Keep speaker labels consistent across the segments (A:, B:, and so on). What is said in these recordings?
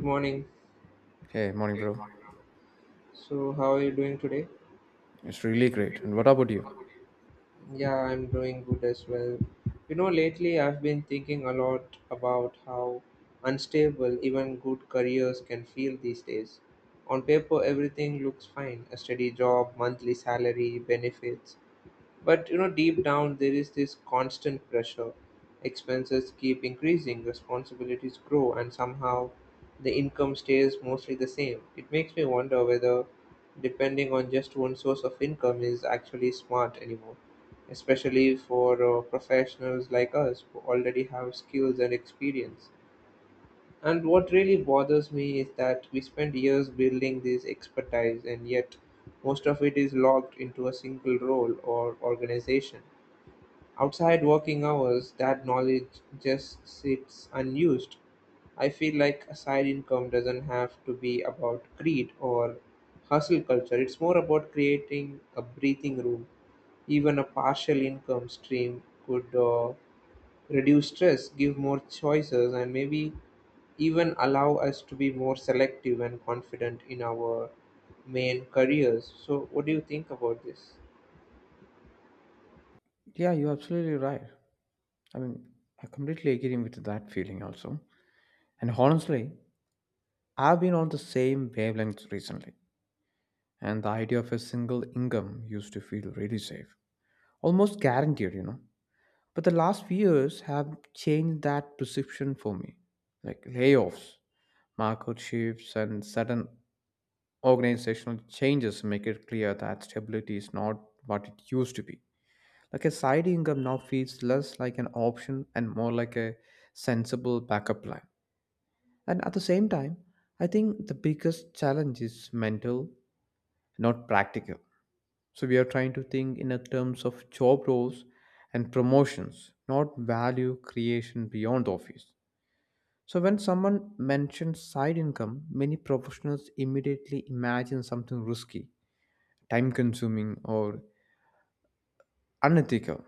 A: Good morning.
B: Hey, morning, bro.
A: So, how are you doing today?
B: It's really great. And what about you?
A: Yeah, I'm doing good as well. You know, lately I've been thinking a lot about how unstable even good careers can feel these days. On paper, everything looks fine a steady job, monthly salary, benefits. But you know, deep down there is this constant pressure. Expenses keep increasing, responsibilities grow, and somehow the income stays mostly the same. It makes me wonder whether depending on just one source of income is actually smart anymore, especially for professionals like us who already have skills and experience. And what really bothers me is that we spend years building this expertise, and yet most of it is locked into a single role or organization. Outside working hours, that knowledge just sits unused. I feel like a side income doesn't have to be about greed or hustle culture, it's more about creating a breathing room. Even a partial income stream could reduce stress, give more choices, and maybe even allow us to be more selective and confident in our main careers. So, what do you think about this?
B: Yeah, you're absolutely right. I mean, I completely agree with that feeling also. And honestly, I've been on the same wavelength recently. And the idea of a single income used to feel really safe, almost guaranteed, you know. But the last few years have changed that perception for me. Like layoffs, market shifts, and sudden organizational changes make it clear that stability is not what it used to be. Like a side income now feels less like an option and more like a sensible backup plan. And at the same time, I think the biggest challenge is mental, not practical. So we are trying to think in a terms of job roles and promotions, not value creation beyond the office. So when someone mentions side income, many professionals immediately imagine something risky, time consuming or unethical.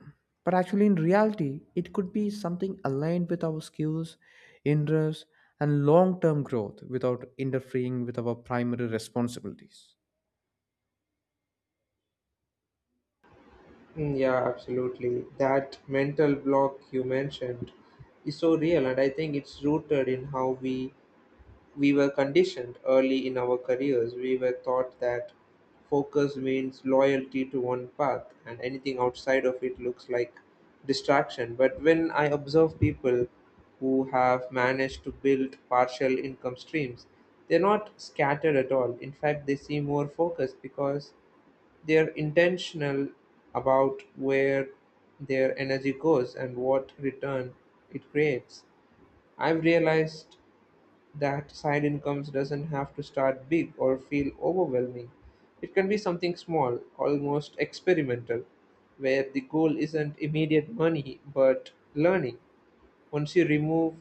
B: But actually, in reality, it could be something aligned with our skills, interests, and long term growth without interfering with our primary responsibilities.
A: Mm, yeah, absolutely. That mental block you mentioned is so real, and I think it's rooted in how we were conditioned early in our careers. We were taught that focus means loyalty to one path, and anything outside of it looks like distraction. But when I observe people who have managed to build partial income streams, they're not scattered at all. In fact, they seem more focused because they're intentional about where their energy goes and what return it creates. I've realized that side incomes doesn't have to start big or feel overwhelming. It can be something small, almost experimental, where the goal isn't immediate money but learning. Once you remove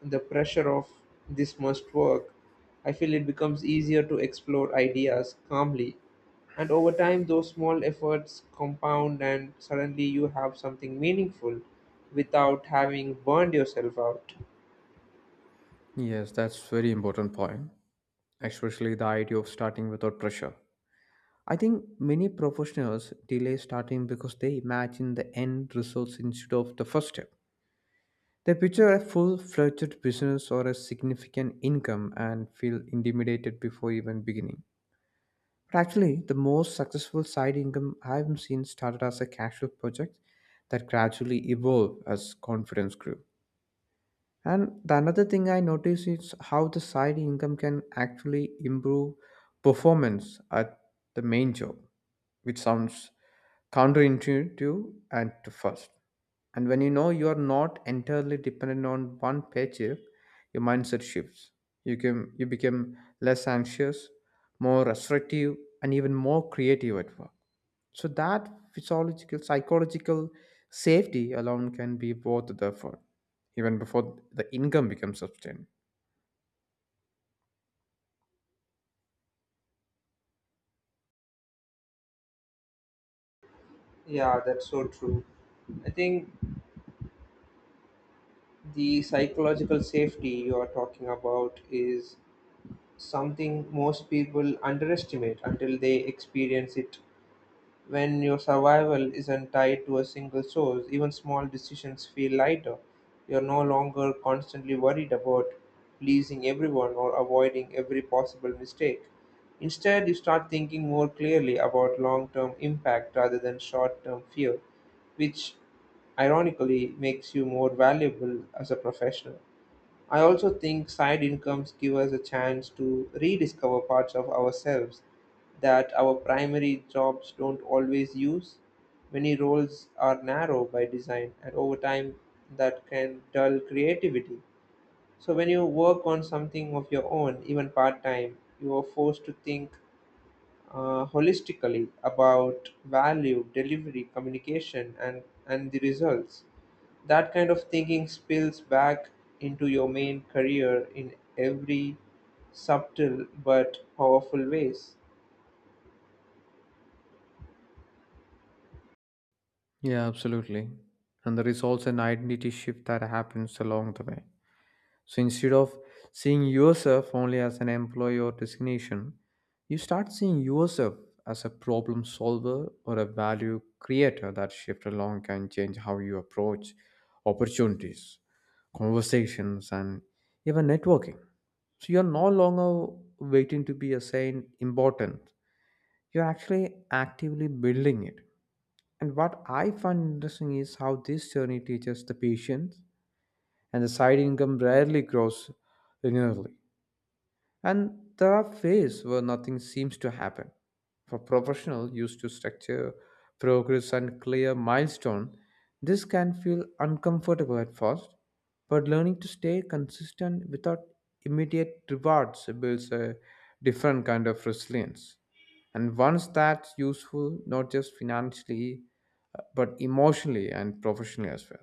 A: the pressure of this must work, I feel it becomes easier to explore ideas calmly. And over time, those small efforts compound, and suddenly you have something meaningful without having burned yourself out.
B: Yes, that's very important point, especially the idea of starting without pressure. I think many professionals delay starting because they imagine the end results instead of the first step. They picture a full fledged business or a significant income and feel intimidated before even beginning. But actually, the most successful side income I've seen started as a casual project that gradually evolved as confidence grew. And the another thing I notice is how the side income can actually improve performance at the main job, which sounds counterintuitive at first. And when you know you are not entirely dependent on one paycheck, your mindset shifts. You become less anxious, more assertive, and even more creative at work. So that physiological, psychological safety alone can be worth the effort, even before the income becomes substantial.
A: Yeah, that's so true. I think the psychological safety you are talking about is something most people underestimate until they experience it. When your survival isn't tied to a single source, even small decisions feel lighter. You're no longer constantly worried about pleasing everyone or avoiding every possible mistake. Instead, you start thinking more clearly about long term impact rather than short term fear, which ironically makes you more valuable as a professional. I also think side incomes give us a chance to rediscover parts of ourselves that our primary jobs don't always use. Many roles are narrow by design, and over time, that can dull creativity. So, when you work on something of your own, even part time, you are forced to think holistically about value, delivery, communication, and the results. That kind of thinking spills back into your main career in every subtle but powerful ways.
B: Yeah, absolutely. And there is also an identity shift that happens along the way. So instead of seeing yourself only as an employee or designation, you start seeing yourself as a problem solver or a value creator. That shift alone can change how you approach opportunities, conversations, and even networking. So you're no longer waiting to be assigned important. You're actually actively building it. And what I find interesting is how this journey teaches the patience and the side income rarely grows linearly. And there are phases where nothing seems to happen. For professionals used to structure, progress, and clear milestone, this can feel uncomfortable at first, but learning to stay consistent without immediate rewards builds a different kind of resilience. And once that's useful, not just financially, but emotionally and professionally as well.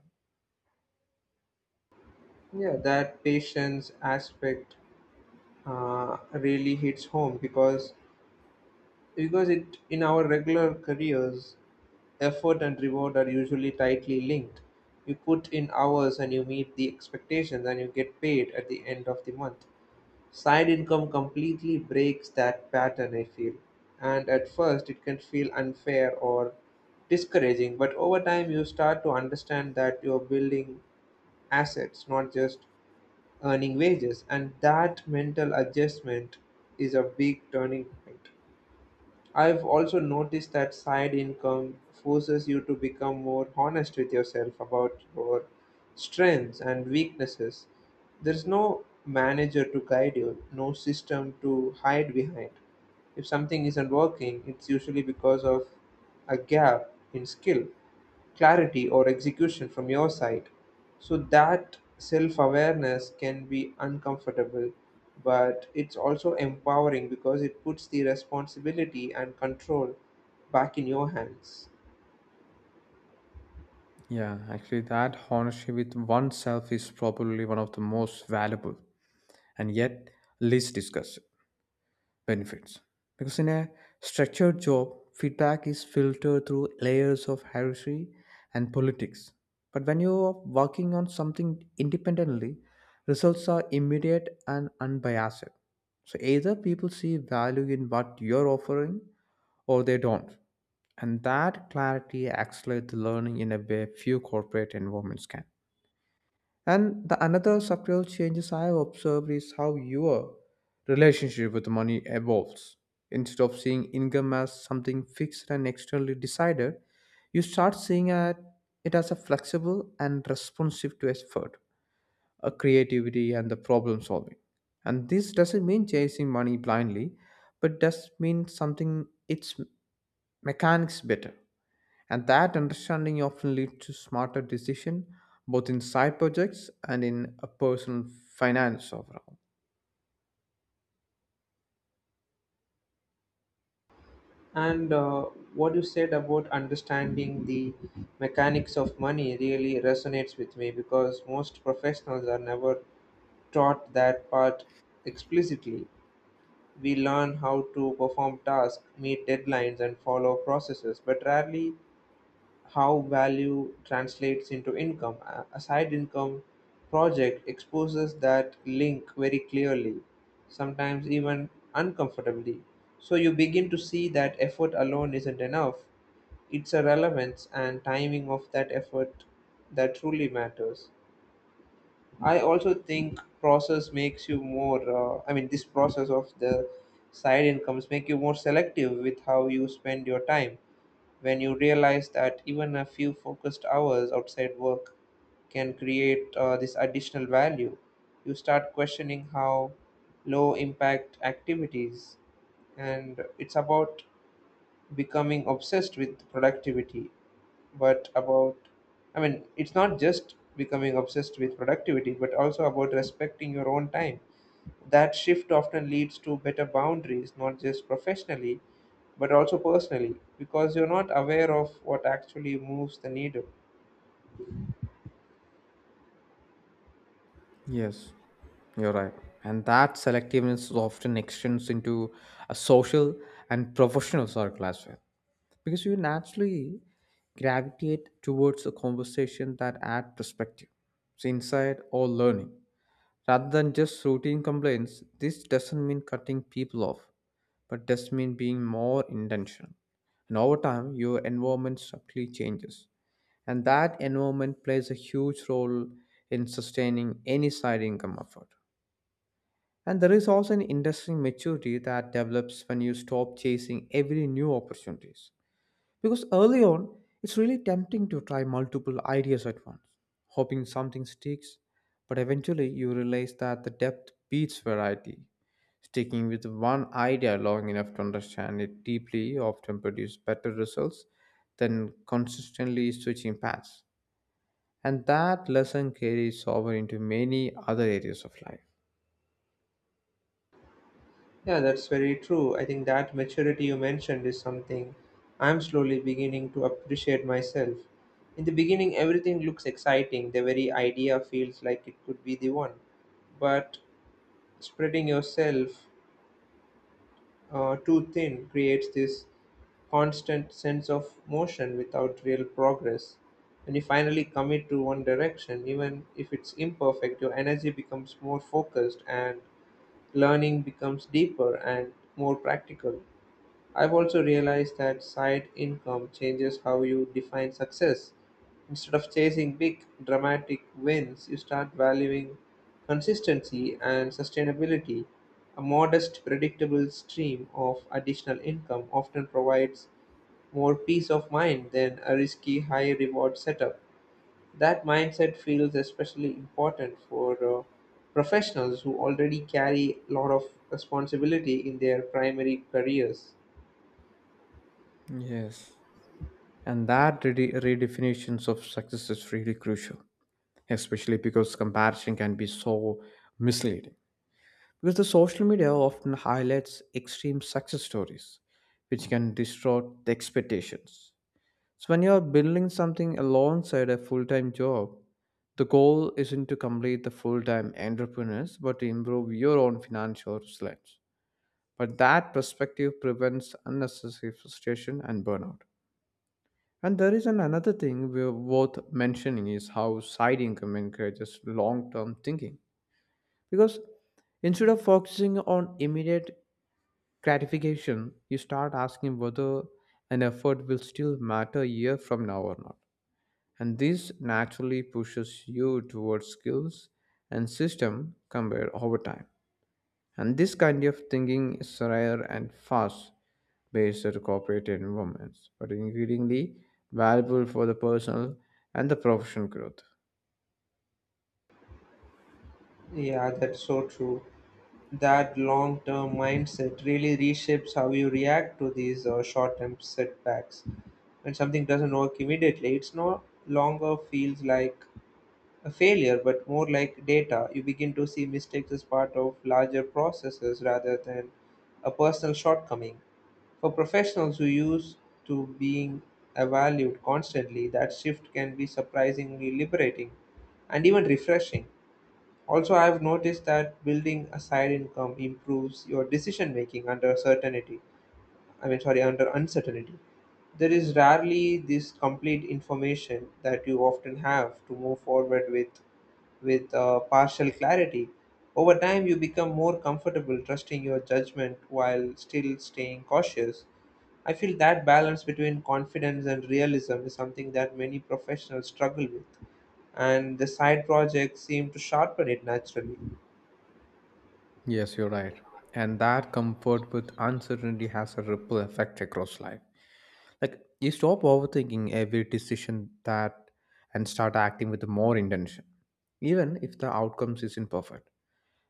A: Yeah, that patience aspect really hits home because it in our regular careers, effort and reward are usually tightly linked. You put in hours and you meet the expectations and you get paid at the end of the month. Side income completely breaks that pattern, I feel. And at first, it can feel unfair or discouraging, but over time, you start to understand that you're building assets, not just earning wages. And that mental adjustment is a big turning point. I've also noticed that side income forces you to become more honest with yourself about your strengths and weaknesses. There's no manager to guide you, no system to hide behind. If something isn't working, it's usually because of a gap in skill clarity or execution from your side. So that self awareness can be uncomfortable, but it's also empowering because it puts the responsibility and control back in your hands.
B: Yeah, actually, that honesty with oneself is probably one of the most valuable and yet least discussed benefits. Because in a structured job, feedback is filtered through layers of hierarchy and politics. But when you are working on something independently, results are immediate and unbiased. So either people see value in what you're offering or they don't. And that clarity accelerates the learning in a way few corporate environments can. And the another subtle changes I have observed is how your relationship with money evolves. Instead of seeing income as something fixed and externally decided, you start seeing it as a flexible and responsive to effort, a creativity and the problem solving. And this doesn't mean chasing money blindly, but does mean something its mechanics better and that understanding often leads to smarter decision both in side projects and in a personal finance overall.
A: And what you said about understanding the mechanics of money really resonates with me because most professionals are never taught that part explicitly. We learn how to perform tasks, meet deadlines, and follow processes, but rarely how value translates into income. A side income project exposes that link very clearly, sometimes even uncomfortably. So you begin to see that effort alone isn't enough. It's a relevance and timing of that effort that truly matters. I also think process makes you more. This process of the side incomes make you more selective with how you spend your time. When you realize that even a few focused hours outside work can create this additional value, you start questioning how low impact activities, and it's about becoming obsessed with productivity but about, I mean it's not just becoming obsessed with productivity but also about respecting your own time. That shift often leads to better boundaries, not just professionally but also personally, because you're not aware of what actually moves the needle.
B: Yes, you're right. And that selectiveness often extends into a social and professional circle as well. Because you naturally gravitate towards a conversation that add perspective, insight or learning. Rather than just routine complaints, this doesn't mean cutting people off, but does mean being more intentional. And over time, your environment subtly changes. And that environment plays a huge role in sustaining any side income effort. And there is also an interesting maturity that develops when you stop chasing every new opportunities because early on, it's really tempting to try multiple ideas at once, hoping something sticks, but eventually you realize that the depth beats variety. Sticking with one idea long enough to understand it deeply often produces better results than consistently switching paths. And that lesson carries over into many other areas of life.
A: Yeah, that's very true. I think that maturity you mentioned is something I'm slowly beginning to appreciate myself. In the beginning everything looks exciting, the very idea feels like it could be the one, but spreading yourself too thin creates this constant sense of motion without real progress. When you finally commit to one direction, even if it's imperfect, your energy becomes more focused and learning becomes deeper and more practical. I've also realized that side income changes how you define success. Instead of chasing big, dramatic wins, you start valuing consistency and sustainability. A modest, predictable stream of additional income often provides more peace of mind than a risky high reward setup. That mindset feels especially important for professionals who already carry a lot of responsibility in their primary careers.
B: Yes. And that redefinitions of success is really crucial, especially because comparison can be so misleading. Because the social media often highlights extreme success stories, which can distort the expectations. So, when you are building something alongside a full time job, the goal isn't to complete the full time entrepreneurs, but to improve your own financial resilience. But that perspective prevents unnecessary frustration and burnout. And there is an another thing worth mentioning is how side income encourages long term thinking. Because instead of focusing on immediate gratification, you start asking whether an effort will still matter a year from now or not. And this naturally pushes you towards skills and system compared over time. And this kind of thinking is rare and fast based at corporate environments, but increasingly valuable for the personal and the professional growth.
A: Yeah, that's so true. That long term mindset really reshapes how you react to these short term setbacks. When something doesn't work immediately, it's no longer feels like a failure, but more like data. You begin to see mistakes as part of larger processes rather than a personal shortcoming. For professionals who used to being evaluated constantly, that shift can be surprisingly liberating and even refreshing. Also, I've noticed that building a side income improves your decision making under certainty. I mean, sorry, under uncertainty. There is rarely this complete information that you often have to move forward with, with partial clarity. Over time, you become more comfortable trusting your judgment while still staying cautious. I feel that balance between confidence and realism is something that many professionals struggle with, and the side projects seem to sharpen it naturally.
B: Yes, you're right. And that comfort with uncertainty has a ripple effect across life. Like you stop overthinking every decision that and start acting with more intention, even if the outcomes isn't perfect.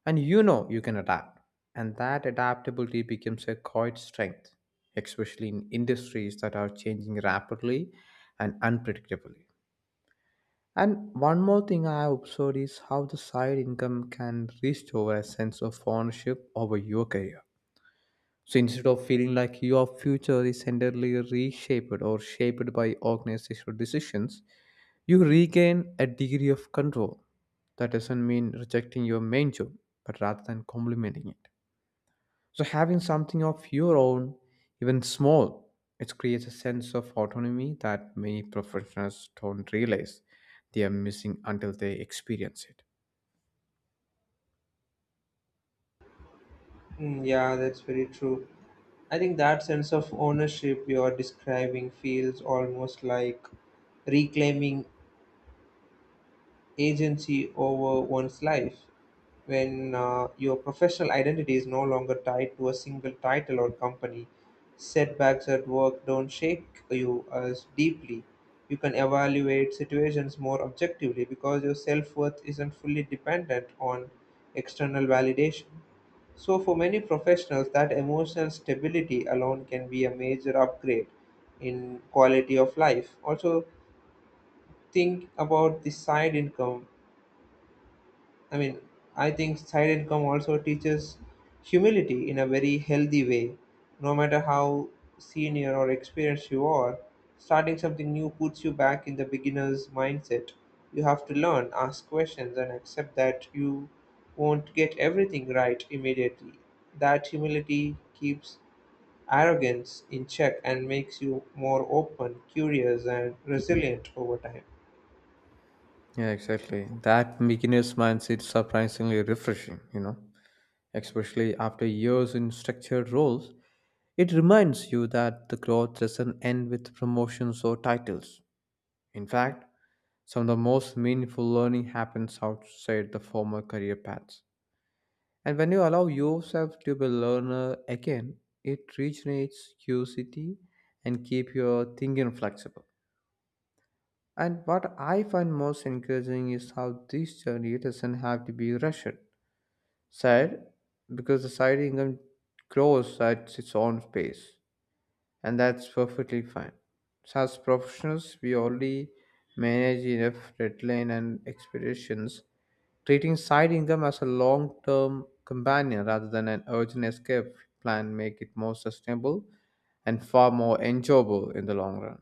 B: And you know you can adapt. And that adaptability becomes a quiet strength, especially in industries that are changing rapidly and unpredictably. And one more thing I observed is how the side income can restore a sense of ownership over your career. So instead of feeling like your future is entirely reshaped or shaped by organizational decisions, you regain a degree of control. That doesn't mean rejecting your main job, but rather than complementing it. So having something of your own, even small, it creates a sense of autonomy that many professionals don't realize they are missing until they experience it.
A: Mm, yeah, that's very true. I think that sense of ownership you are describing feels almost like reclaiming agency over one's life when your professional identity is no longer tied to a single title or company. Setbacks at work don't shake you as deeply. You can evaluate situations more objectively because your self worth isn't fully dependent on external validation. So, for many professionals, that emotional stability alone can be a major upgrade in quality of life. Also, think about the side income I mean, I think side income also teaches humility in a very healthy way. No matter how senior or experienced you are, starting something new puts you back in the beginner's mindset. You have to learn, ask questions, and accept that you won't get everything right immediately. That humility keeps arrogance in check and makes you more open, curious, and resilient over time.
B: Yeah, exactly. That beginner's mindset is surprisingly refreshing, you know, especially after years in structured roles. It reminds you that the growth doesn't end with promotions or titles. In fact, some of the most meaningful learning happens outside the formal career paths. And when you allow yourself to be a learner again, it regenerates curiosity and keep your thinking flexible. And what I find most encouraging is how this journey doesn't have to be rushed. Sad, because the side income grows at its own pace, and that's perfectly fine. So as professionals, we already manage enough deadline and expectations. Treating side income as a long-term companion rather than an urgent escape plan make it more sustainable and far more enjoyable in the long run.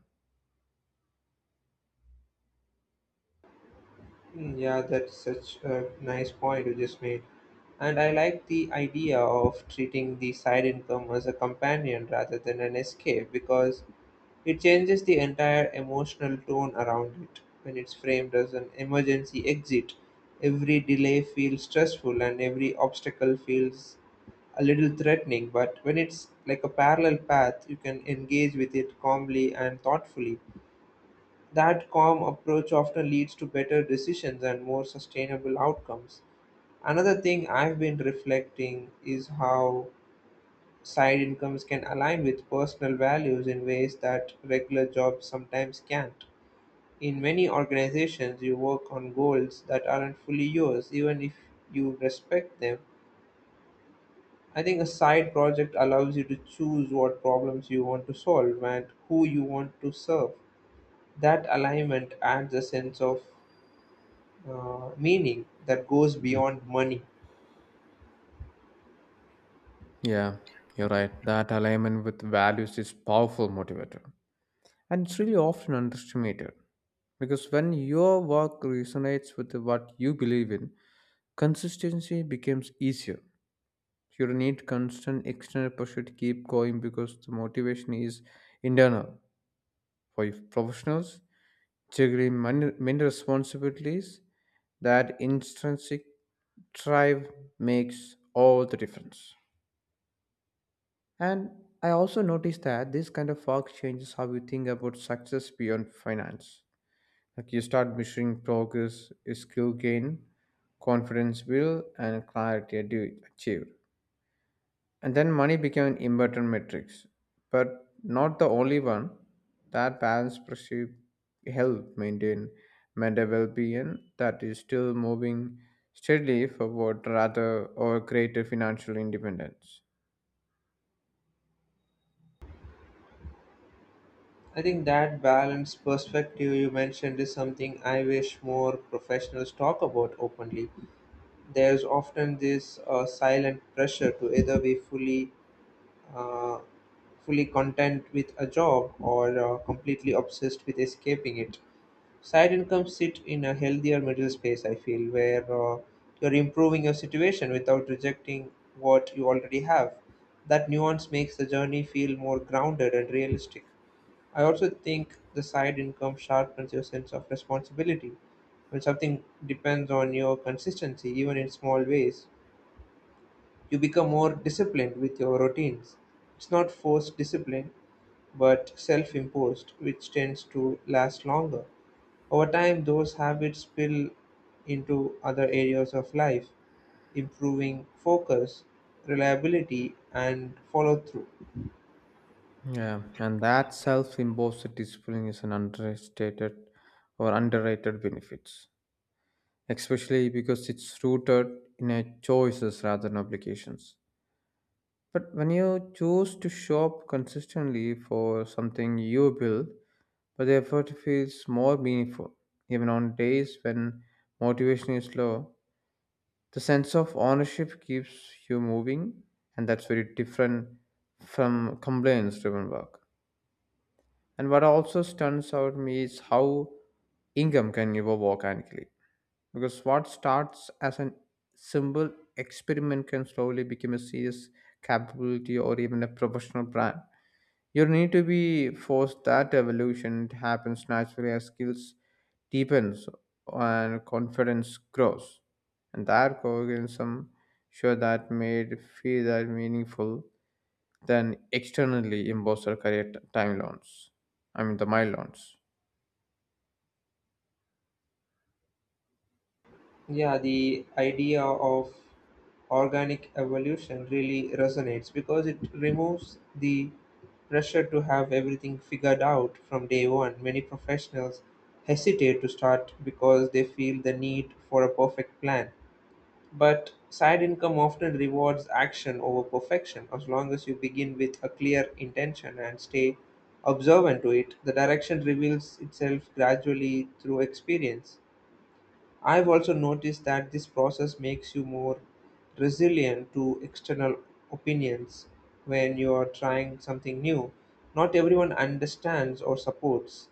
A: Mm, yeah, that's such a nice point you just made. And I like the idea of treating the side income as a companion rather than an escape because it changes the entire emotional tone around it. When it's framed as an emergency exit, every delay feels stressful and every obstacle feels a little threatening. But when it's like a parallel path, you can engage with it calmly and thoughtfully. That calm approach often leads to better decisions and more sustainable outcomes. Another thing I've been reflecting is how side incomes can align with personal values in ways that regular jobs sometimes can't. In many organizations, you work on goals that aren't fully yours, even if you respect them. I think a side project allows you to choose what problems you want to solve and who you want to serve. That alignment adds a sense of meaning that goes beyond money.
B: Yeah, you're right. That alignment with values is powerful motivator. And it's really often underestimated because when your work resonates with what you believe in, consistency becomes easier. You don't need constant external pressure to keep going because the motivation is internal. For you professionals, juggling many responsibilities, that intrinsic drive makes all the difference. And I also noticed that this kind of work changes how you think about success beyond finance. Like you start measuring progress, skill gain, confidence build, and clarity achieved. And then money became an important metrics, but not the only one. That balance perceived help maintain mental well-being that is still moving steadily forward rather or greater financial independence.
A: I think that balanced perspective you mentioned is something I wish more professionals talk about openly. There's often this silent pressure to either be fully, uh, fully content with a job or completely obsessed with escaping it. Side incomes sit in a healthier middle space, I feel, where you're improving your situation without rejecting what you already have. That nuance makes the journey feel more grounded and realistic. I also think the side income sharpens your sense of responsibility. When something depends on your consistency, even in small ways, you become more disciplined with your routines. It's not forced discipline, but self-imposed, which tends to last longer. Over time, those habits spill into other areas of life, improving focus, reliability, and follow through.
B: Yeah, and that self-imposed discipline is an understated or underrated benefits, especially because it's rooted in a choices rather than obligations. But when you choose to shop consistently for something you build, but the effort feels more meaningful. Even on days when motivation is low, the sense of ownership keeps you moving, and that's very different from complaints driven work. And what also stands out to me is how income can evolve organically. Because what starts as an simple experiment can slowly become a serious capability or even a professional brand. You need to be forced that evolution. It happens naturally as skills deepens and confidence grows. And that organism sure that made feel that meaningful than externally imposter career timelines. I mean the milestones.
A: Yeah, the idea of organic evolution really resonates because it removes the pressure to have everything figured out from day one. Many professionals hesitate to start because they feel the need for a perfect plan. But side income often rewards action over perfection. As long as you begin with a clear intention and stay observant to it, the direction reveals itself gradually through experience. I've also noticed that this process makes you more resilient to external opinions when you are trying something new. Not everyone understands or supports.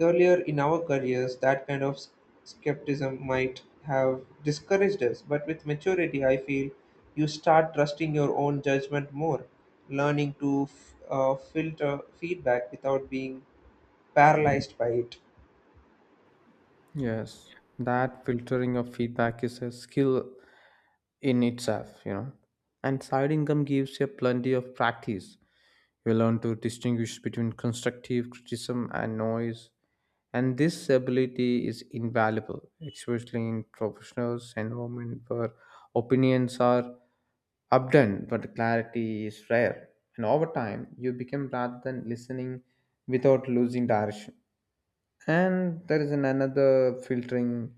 A: Earlier in our careers, that kind of skepticism might have discouraged us, but with maturity, I feel you start trusting your own judgment more, learning to filter feedback without being paralyzed by it.
B: Yes, that filtering of feedback is a skill in itself, you know. And side income gives you plenty of practice. You learn to distinguish between constructive criticism and noise, and this ability is invaluable, especially in professionals' environment where opinions are abundant but clarity is rare. And over time, you become rather than listening without losing direction. And there is an another filtering,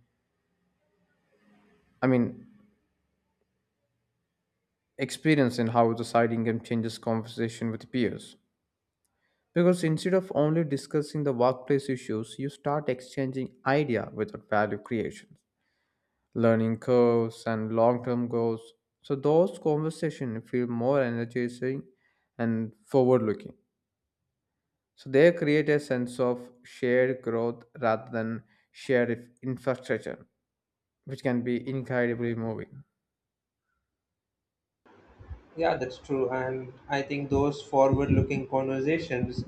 B: I mean, experience in how the side income changes conversation with peers. Because instead of only discussing the workplace issues, you start exchanging idea without value creation, learning curves and long-term goals. So those conversations feel more energizing and forward-looking. So they create a sense of shared growth rather than shared infrastructure, which can be incredibly moving.
A: Yeah, that's true. And I think those forward looking conversations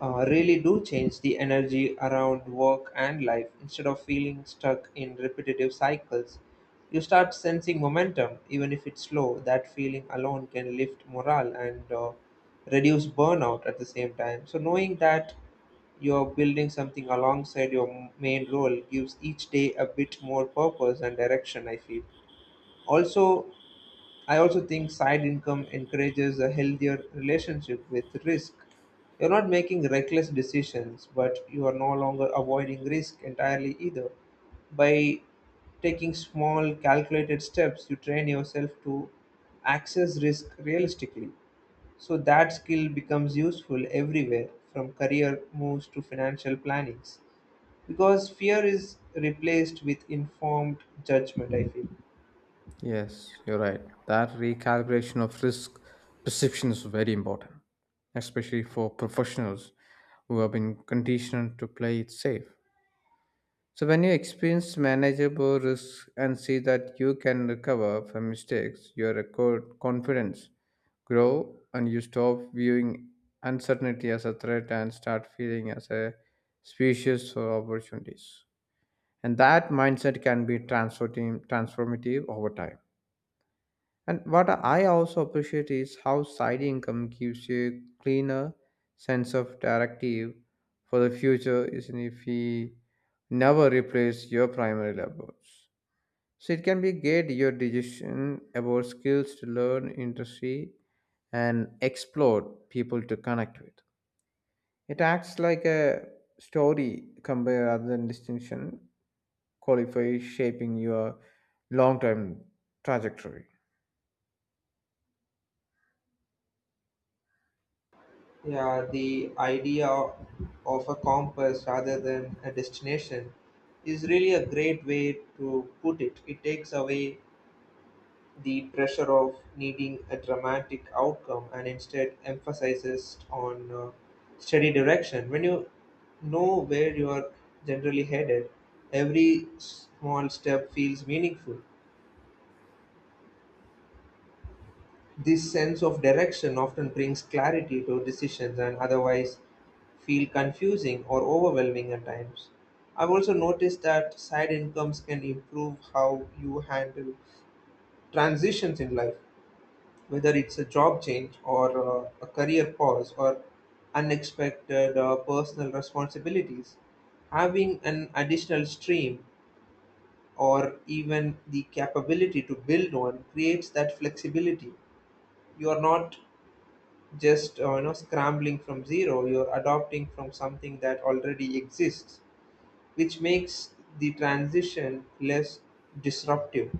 A: really do change the energy around work and life instead of feeling stuck in repetitive cycles. You start sensing momentum, even if it's slow. That feeling alone can lift morale and reduce burnout at the same time. So, knowing that you're building something alongside your main role gives each day a bit more purpose and direction, I feel. Also, I also think side income encourages a healthier relationship with risk. You're not making reckless decisions, but you are no longer avoiding risk entirely either. By taking small, calculated steps, you train yourself to access risk realistically. So that skill becomes useful everywhere, from career moves to financial plannings, because fear is replaced with informed judgment, I feel.
B: Yes, you're right. That recalibration of risk perception is very important, especially for professionals who have been conditioned to play it safe. So, when you experience manageable risk and see that you can recover from mistakes, your record confidence grow and you stop viewing uncertainty as a threat and start feeling as a species for opportunities. And that mindset can be transformative over time. And what I also appreciate is how side income gives you a cleaner sense of directive for the future, isn't it, if we never replace your primary labors. So it can be guide your decision about skills to learn, industry, and explore people to connect with. It acts like a story compare rather than distinction, qualify shaping your long-term trajectory.
A: Yeah, the idea of a compass rather than a destination is really a great way to put it. It takes away the pressure of needing a dramatic outcome and instead emphasizes on steady direction. When you know where you are generally headed, every small step feels meaningful. This sense of direction often brings clarity to decisions and otherwise feel confusing or overwhelming at times. I've also noticed that side incomes can improve how you handle transitions in life, whether it's a job change or a career pause or unexpected personal responsibilities. Having an additional stream or even the capability to build on creates that flexibility. You are not just scrambling from zero. You're adopting from something that already exists, which makes the transition less disruptive.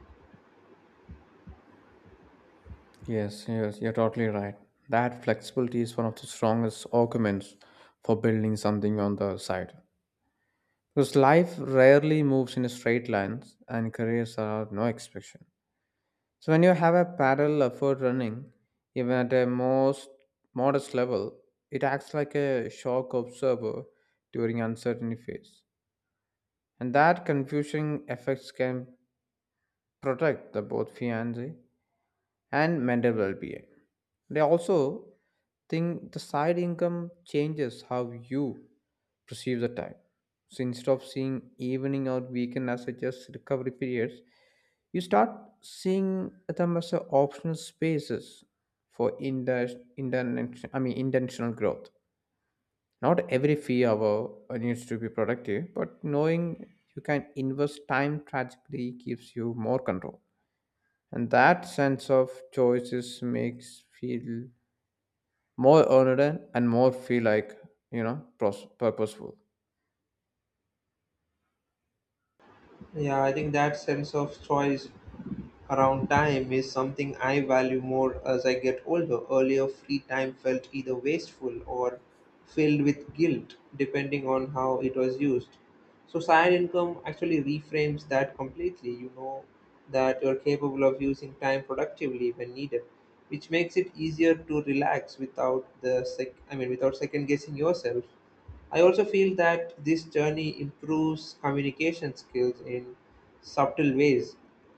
B: Yes, yes, you're totally right. That flexibility is one of the strongest arguments for building something on the side. Because life rarely moves in a straight lines and careers are no exception. So when you have a parallel effort running, even at a most modest level, it acts like a shock observer during uncertainty phase. And that confusing effects can protect the both fiancé and mental well-being. They also think the side income changes how you perceive the time. So instead of seeing evening or weekend as a just recovery periods, you start seeing them as a optional spaces for I mean intentional growth. Not every free hour needs to be productive, but knowing you can invest time tragically gives you more control. And that sense of choices makes feel more earned and more feel like, you know, purposeful.
A: Yeah, I think that sense of choice around time is something I value more as I get older. Earlier, free time felt either wasteful or filled with guilt, depending on how it was used. So, side income actually reframes that completely. You know that you're capable of using time productively when needed, which makes it easier to relax without the sec- I mean, without second guessing yourself. I also feel that this journey improves communication skills in subtle ways.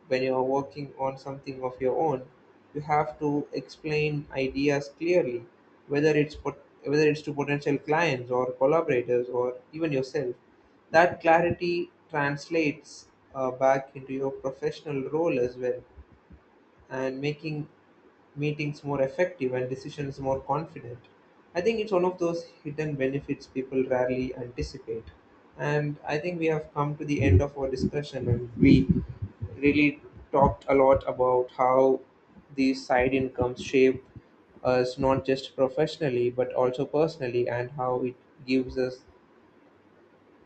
A: When you're working on something of your own, you have to explain ideas clearly, whether whether it's to potential clients or collaborators or even yourself. That clarity translates back into your professional role as well, and making meetings more effective and decisions more confident. I think it's one of those hidden benefits people rarely anticipate. And I think we have come to the end of our discussion, and we really talked a lot about how these side incomes shape us not just professionally but also personally, and how it gives us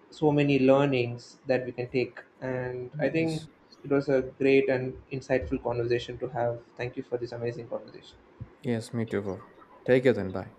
A: so many learnings that we can take. And I think
B: Yes.
A: it was a great and insightful conversation to have. Thank you for this amazing conversation.
B: Yes, me too, bro. Take it then. Bye.